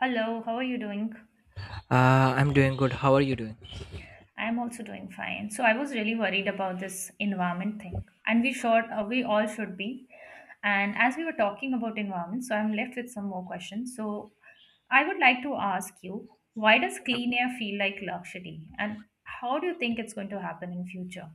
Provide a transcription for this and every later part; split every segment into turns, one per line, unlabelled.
Hello, how are you doing?
I'm doing good. How are you doing?
I'm also doing fine. So I was really worried about this environment thing, and we should, we all should be. And as we were talking about environment, so I'm left with some more questions. So I would like to ask you, why does clean air feel like luxury, and how do you think it's going to happen in future?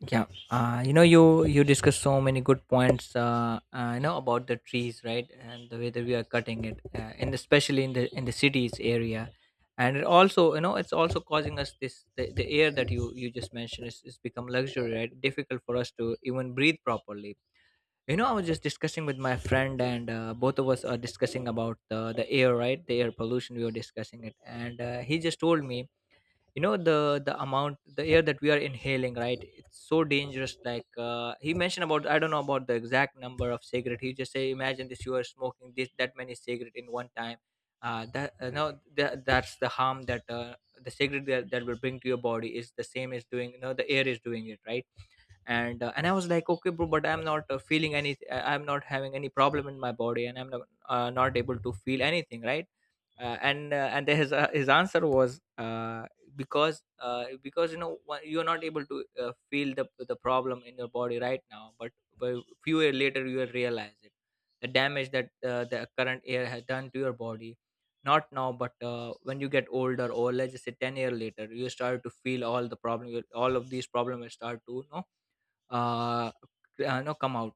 Yeah. You discussed so many good points. You know about the trees, right? And the way that we are cutting it, and especially in the cities area, and it also it's also causing us this the air that you just mentioned is become luxury, right? Difficult for us to even breathe properly. I was just discussing with my friend, and both of us are discussing about the air, right? The air pollution. We were discussing it, and he just told me, you know the the amount, the air that we are inhaling, right? It's so dangerous. Like, he mentioned about, I don't know about the exact number of cigarette, he just say, imagine this, you are smoking this that many cigarette in one time. Uh, that uh, no that, that's the harm that, the cigarette that will bring to your body is the same as doing, the air is doing it, right? And I was like, okay bro, but I'm not feeling any I'm not having any problem in my body, and I'm not, not able to feel anything, right? And his, his answer was, because, you're not able to feel the problem in your body right now, but but few years later you will realize it, the damage that, the current air has done to your body. Not now, but when you get older, or let's just say 10 year later, you start to feel all the problem, all of these problems will start to, uh, come out.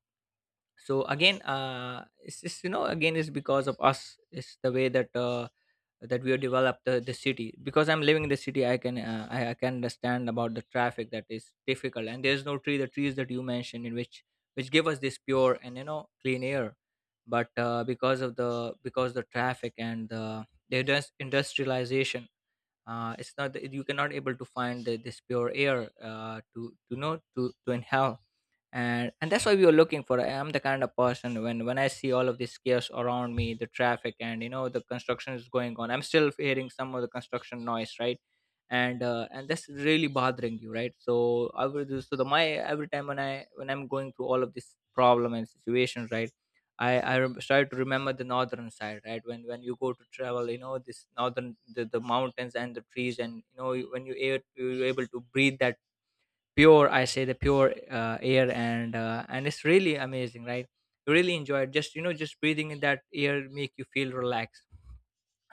So again, it's again, it's because of us, it's the way that, that we have developed the city. Because I'm living in the city, I can, I can understand about the traffic, that is difficult, and there's no tree, the trees that you mentioned, in which give us this pure and clean air. But because the traffic and the industrialization, it's not, you cannot able to find this pure air, to know to inhale. And that's why we were looking for. I'm the kind of person, when I see all of this chaos around me, the traffic, and the construction is going on, I'm still hearing some of the construction noise, right? And that's really bothering you, right? So I will do, so the my every time when I'm going through all of this problem and situations, right? I try to remember the northern side, right? When you go to travel, this northern, the mountains and the trees, and you know you- when you, a- you're able to breathe that pure, I say the pure air, and and it's really amazing, right? You really enjoy it, just just breathing in that air make you feel relaxed.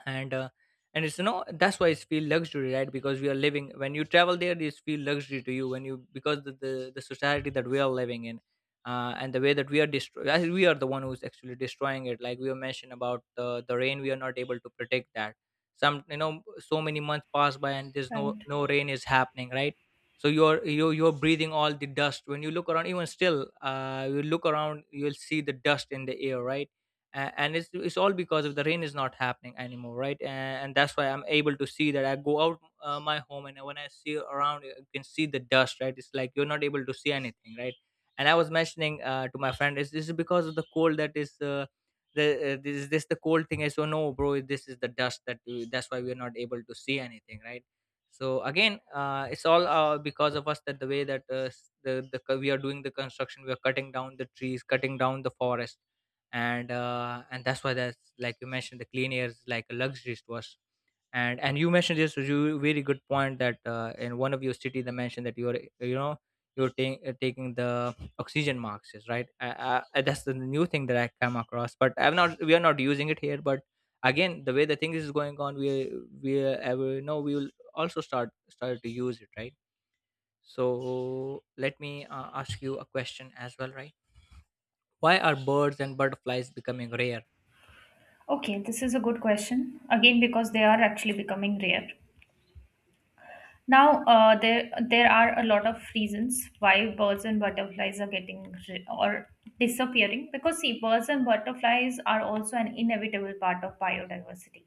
And uh, and it's, that's why it's feel luxury, right? Because we are living, when you travel there it's feel luxury to you, when you, because the society that we are living in, and the way that we are destroying, we are the one who's actually destroying it, like we were mentioned about the rain, we are not able to protect that. Some, so many months pass by, and there's
Right.
no rain is happening, right? So you're breathing all the dust, when you look around, even still, you look around, you'll see the dust in the air, right? And it's all because of the rain is not happening anymore, right? And that's why I'm able to see that, I go out my home, and when I see around, you can see the dust, right? It's like you're not able to see anything, right? And I was mentioning, to my friend, is this is because of the cold, that is, the this is this the cold thing, I so, no bro, this is the dust that we, that's why we're not able to see anything, right? So again, it's all, because of us, that the way that, we are doing the construction, we are cutting down the trees, cutting down the forest. And that's why, that's like you mentioned, the clean air is like a luxury to us. And you mentioned this, you very good point, that, in one of your city they mentioned that you're you know you're ta- taking the oxygen masks, is right. That's the new thing that I come across, but I'm not we are not using it here, but again, the way the thing is going on, we ever know, we will also start to use it, right? So let me, ask you a question as well, right? Why are birds and butterflies becoming rare?
Okay, this is a good question. Again, because they are actually becoming rare. Now, there are a lot of reasons why birds and butterflies are getting ri- or disappearing, because see, birds and butterflies are also an inevitable part of biodiversity.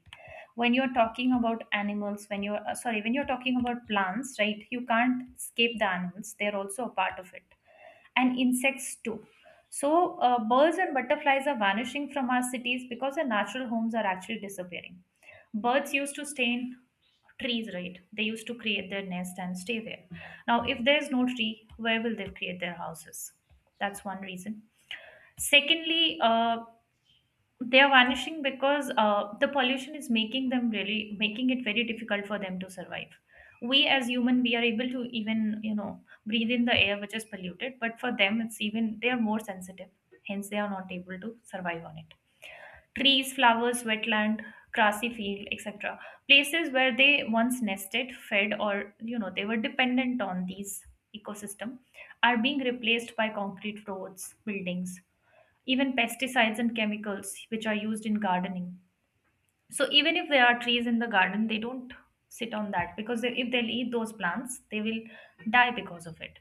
When you're talking about animals, when you're sorry, when you're talking about plants, right? You can't escape the animals; they're also a part of it, and insects too. So, birds and butterflies are vanishing from our cities because their natural homes are actually disappearing. Birds used to stay in trees, right? They used to create their nest and stay there. Now if there's no tree, where will they create their houses? That's one reason. Secondly, they are vanishing because the pollution is making them really making it very difficult for them to survive. We as human we are able to even, you know, breathe in the air which is polluted, but for them it's even, they are more sensitive, hence they are not able to survive on it. Trees, flowers, wetland, grassy field, etc. Places where they once nested, fed, or, you know, they were dependent on these ecosystem, are being replaced by concrete roads, buildings, even pesticides and chemicals which are used in gardening. So even if there are trees in the garden, they don't sit on that because they, if they'll eat those plants, they will die because of it.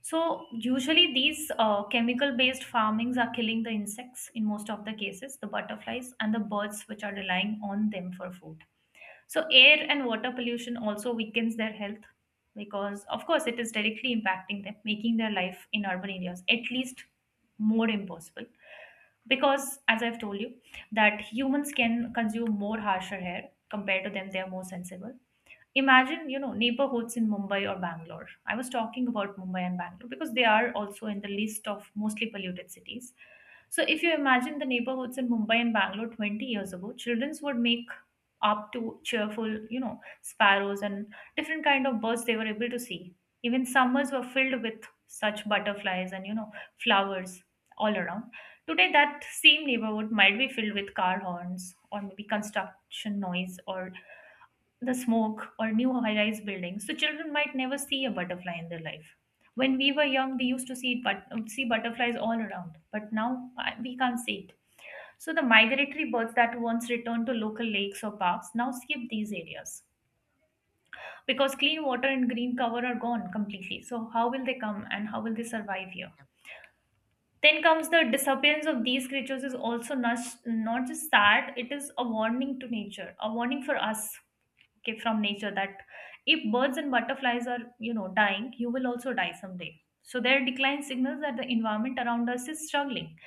So usually these chemical-based farmings are killing the insects in most of the cases, the butterflies and the birds which are relying on them for food. So air and water pollution also weakens their health because of course it is directly impacting them, making their life in urban areas at least more impossible. Because as I've told you, that humans can consume more harsher air compared to them, they are more sensible. Imagine, you know, neighborhoods in Mumbai or Bangalore. I was talking about Mumbai and Bangalore because they are also in the list of mostly polluted cities. So if you imagine the neighborhoods in Mumbai and Bangalore 20 years ago, childrens would make up to cheerful, you know, sparrows and different kind of birds they were able to see. Even summers were filled with such butterflies and, you know, flowers all around. Today, that same neighborhood might be filled with car horns or maybe construction noise or the smoke or new high-rise buildings. So children might never see a butterfly in their life. When we were young, we used to see butterflies all around, but now we can't see it. So the migratory birds that once returned to local lakes or parks now skip these areas because clean water and green cover are gone completely. So how will they come and how will they survive here? Then comes the disappearance of these creatures is also not just sad, it is a warning to nature, a warning for us, okay, from nature that if birds and butterflies are, you know, dying, you will also die someday. So their decline signals that the environment around us is struggling.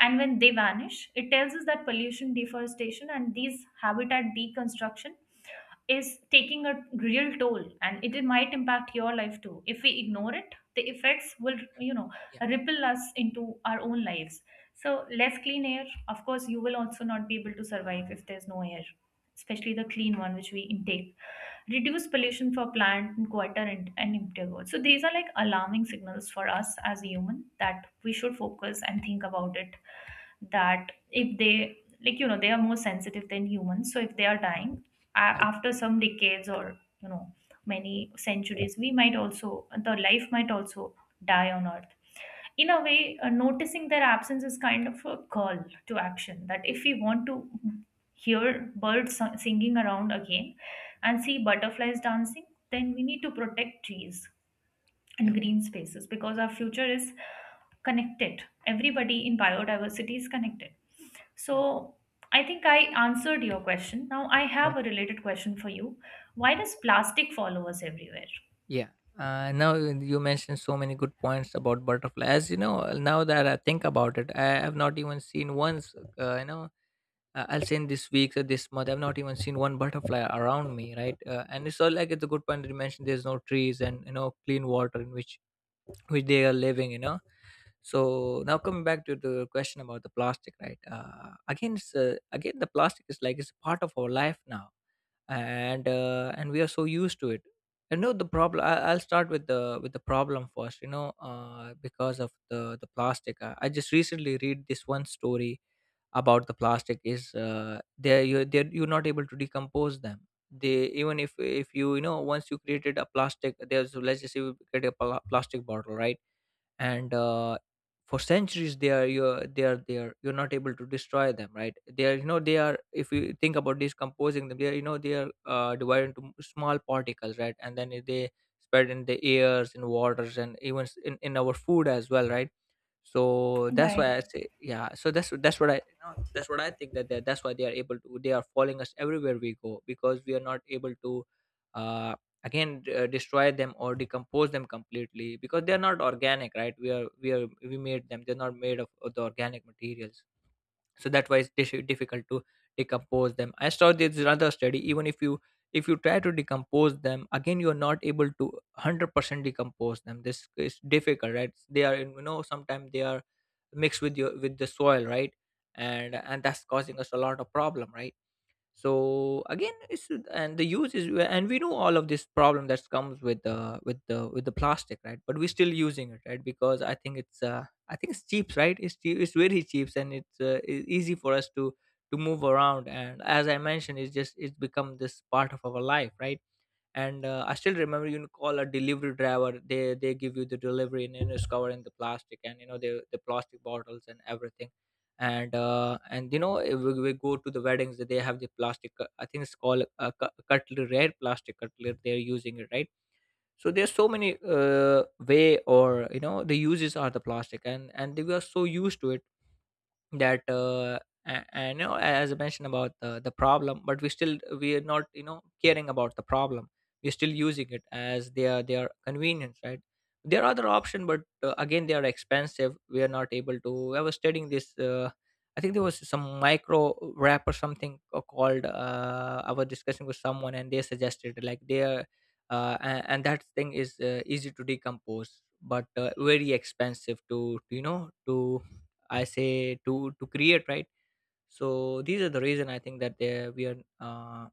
And when they vanish, it tells us that pollution, deforestation, and these habitat deconstruction is taking a real toll, and it might impact your life too. If we ignore it, the effects will, you know,
Yeah,
ripple us into our own lives. So less clean air, of course you will also not be able to survive if there's no air, especially the clean one which we intake. Reduce pollution for plant and quieter and, emptier world. So these are like alarming signals for us as a human that we should focus and think about it, that if they, like, you know, they are more sensitive than humans, so if they are
yeah,
dying a-
yeah,
after some decades or, you know, many centuries, we might also, the life might also die on earth. In a way, noticing their absence is kind of a call to action that if we want to hear birds singing around again and see butterflies dancing, then we need to protect trees and
yeah,
green spaces because our future is connected. Everybody in biodiversity is connected. So I think I answered your question. Now I
yeah.
have a related question for you. Why does plastic follow us everywhere?
Yeah. Now you mentioned so many good points about butterfly. As you know, now that I think about it, I have not even seen once. I'll say in this week or this month, I've not even seen one butterfly around me, right? And it's all like, it's a good point that you mentioned. There's no trees and clean water in which they are living. So now, coming back to the question about the plastic, right? Again, the plastic is like, it's part of our life now, and we are so used to it. The problem, I'll start with the problem first. Because of the plastic, I just recently read this one story about the plastic, is, they're you're not able to decompose them. They, even if you, you know once you created a plastic, there's, let's just say you create a plastic bottle, right? And for centuries they are, you're they are there, you're not able to destroy them, right? They are, if you think about decomposing them, they are, divided into small particles, right? And then they spread in the airs, in waters, and even in our food as well, right? So that's why
Right.
I say, yeah. So that's what I, that's what I think, that they, that's why they are able to, they are following us everywhere we go, because we are not able to, uh destroy them or decompose them completely, because they are not organic, right? We are, we made them, they're not made of the organic materials. So that why it's, difficult to decompose them. I saw this another study, even if you try to decompose them again, you are not able to 100% decompose them, this is difficult, right? They are, sometimes they are mixed with, your with the soil, right? And that's causing us a lot of problem, right? So again, it's, and the use is, and we know all of this problem that comes with the with the plastic, right? But we're still using it, right? Because I think it's cheap, right? It's cheap, it's very cheap, and it's, easy for us to, move around, and as I mentioned, it's just, it's become this part of our life, right? And I still remember, call a delivery driver, they give you the delivery, and, it's covered in the plastic, and the plastic bottles and everything. And if we go to the weddings, they have the plastic, I think it's called a cutlery, rare plastic cutlery they're using it, right? So there's so many, way, or the uses are the plastic, and they are so used to it, that, a- and, you know as I mentioned about the problem, but we are not, caring about the problem. We're still using it as their convenience, right? There are other option, but again they are expensive, we are not able to. I was studying this, I think there was some micro wrap or something, called, I was discussing with someone and they suggested, like they are, and that thing is, easy to decompose but very expensive to you know to I say to create, right? So these are the reason I think that they we are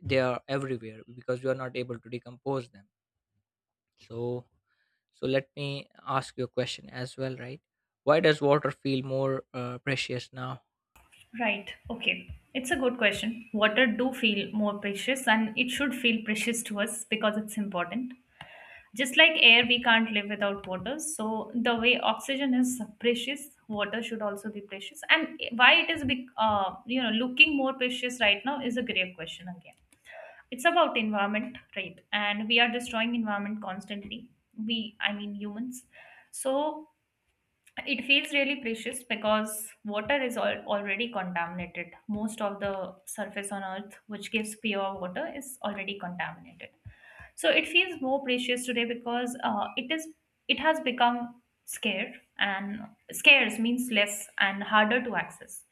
they are everywhere because we are not able to decompose them. So so let me ask you a question as well, right? Why does water feel more precious now?
Right. Okay, it's a good question. Water do feel more precious, and it should feel precious to us because it's important. Just like air, we can't live without water. So the way oxygen is precious, water should also be precious. And why it is, you know, looking more precious right now is a grave question again. It's about environment, right? And we are destroying environment constantly. We, I mean, humans. So it feels really precious because water is already contaminated. Most of the surface on Earth, which gives pure water, is already contaminated. So it feels more precious today because it is, it has become scarce, and scarce means less and harder to access,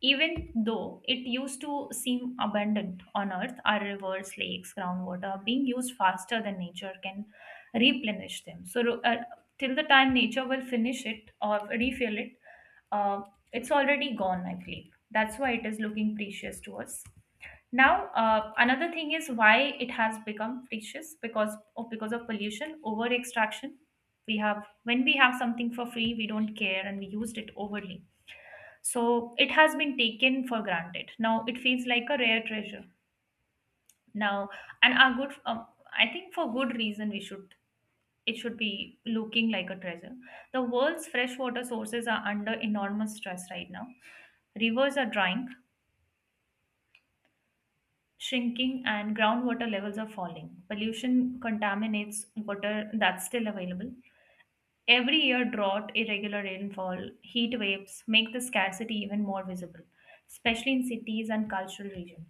even though it used to seem abundant on earth. Our rivers, lakes, groundwater are being used faster than nature can replenish them. So till the time nature will finish it or refill it, uh, it's already gone, I believe. That's why it is looking precious to us. Now, another thing is why it has become precious, because of pollution, over extraction. We have, when we have something for free, we don't care and we used it overly. So it has been taken for granted. Now it feels like a rare treasure. Now, and our good, I think for good reason we should, it should be looking like a treasure. The world's freshwater sources are under enormous stress right now. Rivers are drying, shrinking, and groundwater levels are falling. Pollution contaminates water that's still available. Every year, drought, irregular rainfall, heat waves make the scarcity even more visible, especially in cities and cultural regions.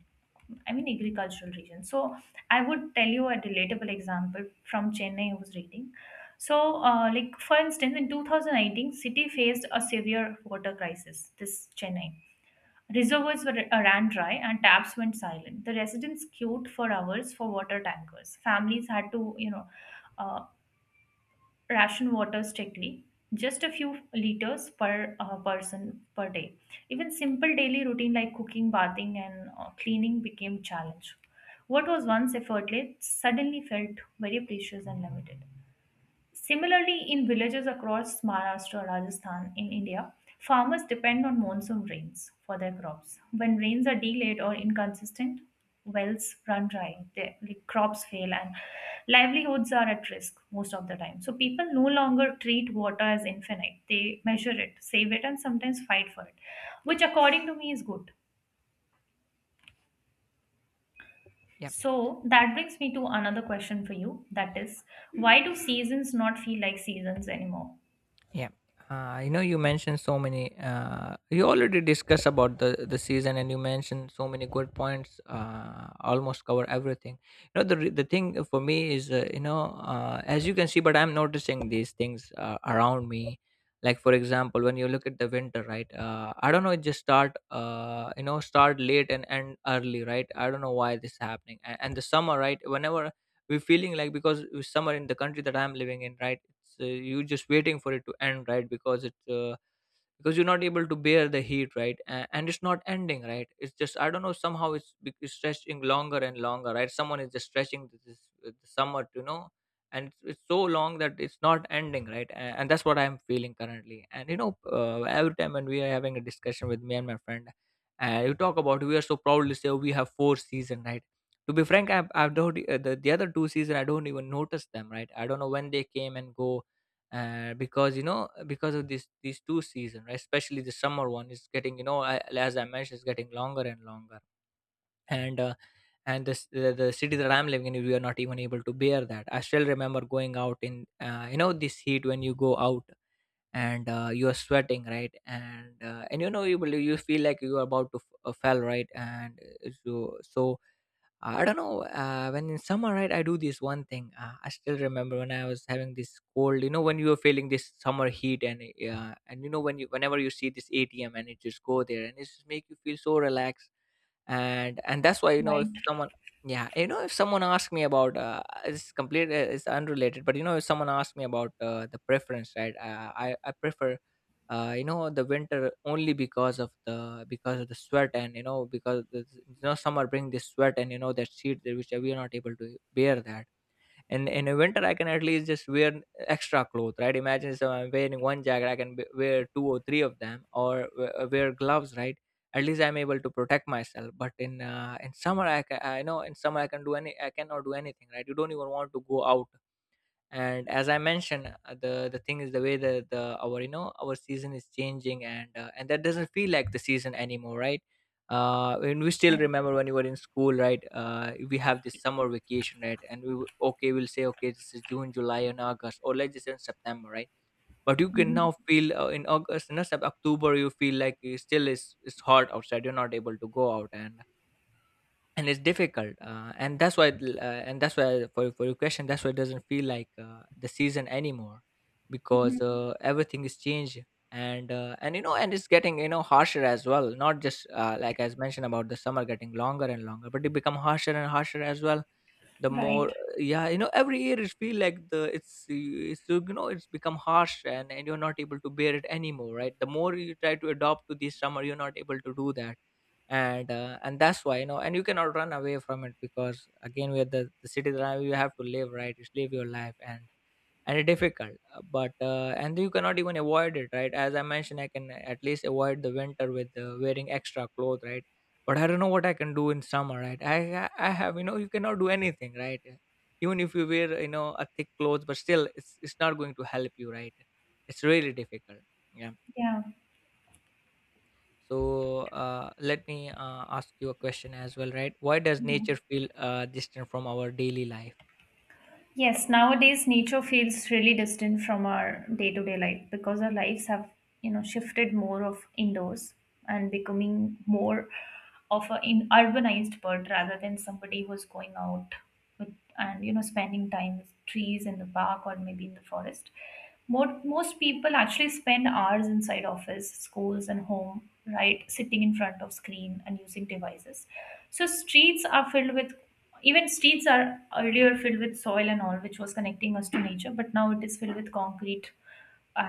I mean, agricultural regions. So, I would tell you a relatable example from Chennai I was reading. So, like for instance, in 2019, city faced a severe water crisis. This Chennai reservoirs were ran dry and taps went silent. The residents queued for hours for water tankers. Families had to, you know, uh, ration water strictly, just a few liters per person per day. Even simple daily routine like cooking, bathing, and cleaning became challenge. What was once effortless suddenly felt very precious and limited. Similarly, in villages across Maharashtra and Rajasthan in India, farmers depend on monsoon rains for their crops. When rains are delayed or inconsistent, wells run dry, their, like, crops fail, and livelihoods are at risk most of the time. So people no longer treat water as infinite. They measure it, save it, and sometimes fight for it, which according to me is good.
Yeah.
So that brings me to another question for you. That is, why do seasons not feel like seasons anymore?
Yeah. You mentioned so many. You already discussed about the season, and you mentioned so many good points. Almost cover everything. The thing for me is, as you can see, but I'm noticing these things around me. Like for example, when you look at the winter, right? I don't know. It just start, start late and end early, right? I don't know why this is happening. And the summer, right? Whenever we're feeling like because summer in the country that I'm living in, right, it's you just waiting for it to end, right? Because it's uh, because you're not able to bear the heat, right? And it's not ending, right? It's just, I don't know, somehow it's stretching longer and longer, right? Someone is just stretching th- this the summer, you know, and it's so long that it's not ending, right? And that's what I'm feeling currently. And you know, every time when we are having a discussion with me and my friend, you talk about, we are so proudly say, oh, we have four season, right? To be frank, I've don't, the other two season I don't even notice them, right? I don't know when they came and go, because you know because of this these two season, right? Especially the summer one is getting, you know, I, as I mentioned, it's getting longer and longer, and uh, and this, the city that I'm living in, we are not even able to bear that. I still remember going out in this heat. When you go out and you are sweating, right? And you know you will, you feel like you are about to fell, right? And so I don't know. When in summer, right, I do this one thing. I still remember when I was having this cold. You know, when you were feeling this summer heat, and and you know when you whenever you see this ATM and it just go there, and it just make you feel so relaxed. And that's why you know,
Right,
if someone, yeah, you know, if someone asks me about, it's complete, it's unrelated, but you know, if someone asks me about the preference, right? I prefer, the winter only because of the, because of the sweat, and you know because the, you know summer bring this sweat, and you know that heat that which we are not able to bear that. And in a winter I can at least just wear extra clothes, right? Imagine, so I'm wearing one jacket, I can wear two or three of them, or wear gloves, right? At least I'm able to protect myself. But in summer I I know in summer I can do any I cannot do anything, right? You don't even want to go out. And as I mentioned, the thing is, the way the our you know our season is changing, and that doesn't feel like the season anymore, right? And we still
right.
remember when you were in school, right? We have this summer vacation, right? And okay, we'll say, okay, this is June, July, and August, or let's just say in September, right? But you can
Mhm.
now feel in August, no, in October, you feel like it still is, it's hot outside, you're not able to go out. And it's difficult, and that's why, and that's why, for your question, that's why it doesn't feel like the season anymore, because everything is changed, and you know, and it's getting, you know, harsher as well, not just like as mentioned about the summer getting longer and longer, but it become harsher and harsher as well, the
Right.
more, yeah, you know, every year it feel like the, it's, you know, it's become harsh, and you're not able to bear it anymore, right? The more you try to adopt to this summer, you're not able to do that. And that's why, you know, and you cannot run away from it, because again, we are the citizen, you have to live, right? Just live your life. And it's difficult, but and you cannot even avoid it, right? As I mentioned, I can at least avoid the winter with wearing extra clothes, right? But I don't know what I can do in summer, right? I have, you know, you cannot do anything, right? Even if you wear, you know, a thick clothes, but still it's not going to help you, right? It's really difficult. Yeah.
Yeah.
So let me ask you a question as well, right? Why does nature
Mhm.
feel distant from our daily life?
Yes, nowadays nature feels really distant from our day-to-day life because our lives have, you know, shifted more of indoors and becoming more of a in urbanized bird rather than somebody who's going out with and, you know, spending time with trees in the park or maybe in the forest. More, most people actually spend hours inside office, schools, and home, right, sitting in front of screen and using devices. So streets are filled with, even streets are earlier filled with soil and all, which was connecting us to nature, but now it is filled with concrete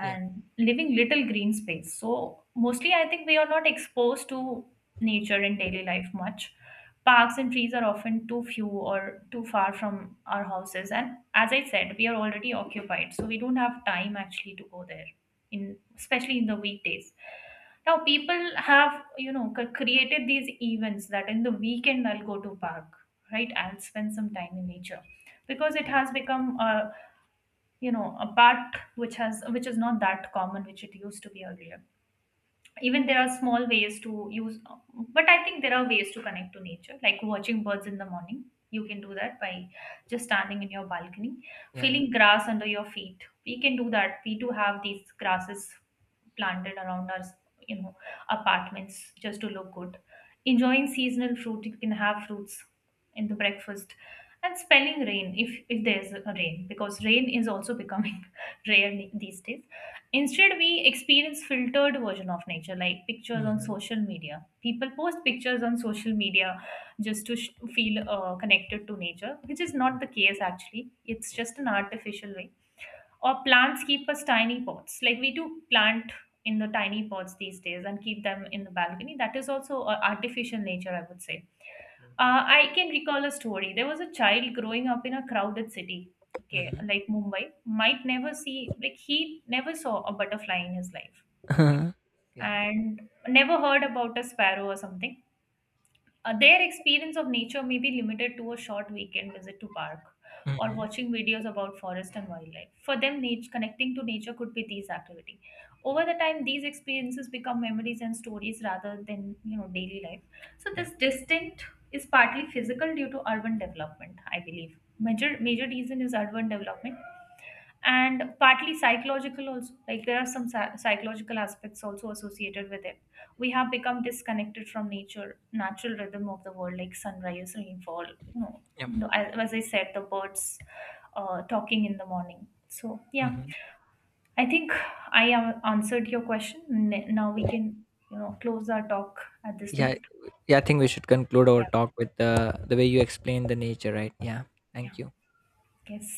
Yeah,
living little green space. So mostly I think we are not exposed to nature in daily life much. Parks and trees are often too few or too far from our houses. And as I said, we are already occupied. So we don't have time actually to go there in, especially in the weekdays. Now people have, you know, created these events that in the weekend I'll go to park, right? I'll spend some time in nature because it
yeah,
has become a, you know, a bat which has, which is not that common which it used to be earlier. Even there are small ways to use, but I think there are ways to connect to nature, like watching birds in the morning. You can do that by just standing in your balcony,
yeah.
feeling grass under your feet. We can do that. We do have these grasses planted around our, you know, apartments just to look good, enjoying seasonal fruit. You can have fruits in the breakfast and spelling rain, if there's a rain, because rain is also becoming rare these days. Instead, we experience filtered version of nature, like pictures on
Mm-hmm.
social media. People post pictures on social media just to feel connected to nature, which is not the case actually. It's
Yeah.
just an artificial way. Or plants keep us tiny pots, like we do plant in the tiny pots these days and keep them in the balcony. That is also artificial nature, I would say.
Mm-hmm.
I can recall a story. There was a child growing up in a crowded city, okay,
Mm-hmm.
like Mumbai, might never see, like, he never saw a butterfly in his life
yeah.
and never heard about a sparrow or something. Their experience of nature may be limited to a short weekend visit to park or
Mm-hmm.
watching videos about forest and wildlife. For them, nature, connecting to nature could be these activity. Over the time, these experiences become memories and stories rather than, you know, daily life. So
Yeah.
this distinct is partly physical due to urban development, I believe. Major reason is urban development, and partly psychological also, like there are some psychological aspects also associated with it. We have become disconnected from nature, natural rhythm of the world, like sunrise, rainfall, you know,
Yeah.
the, as I said, the birds, talking in the morning. So yeah,
Mm-hmm.
I think I have answered your question. Now we can, you know, close our talk at this
Yeah.
note.
Yeah. I think we should conclude our
Yeah.
talk with the way you explain the nature, right? Yeah.
Yeah.
Thank you.
Yes.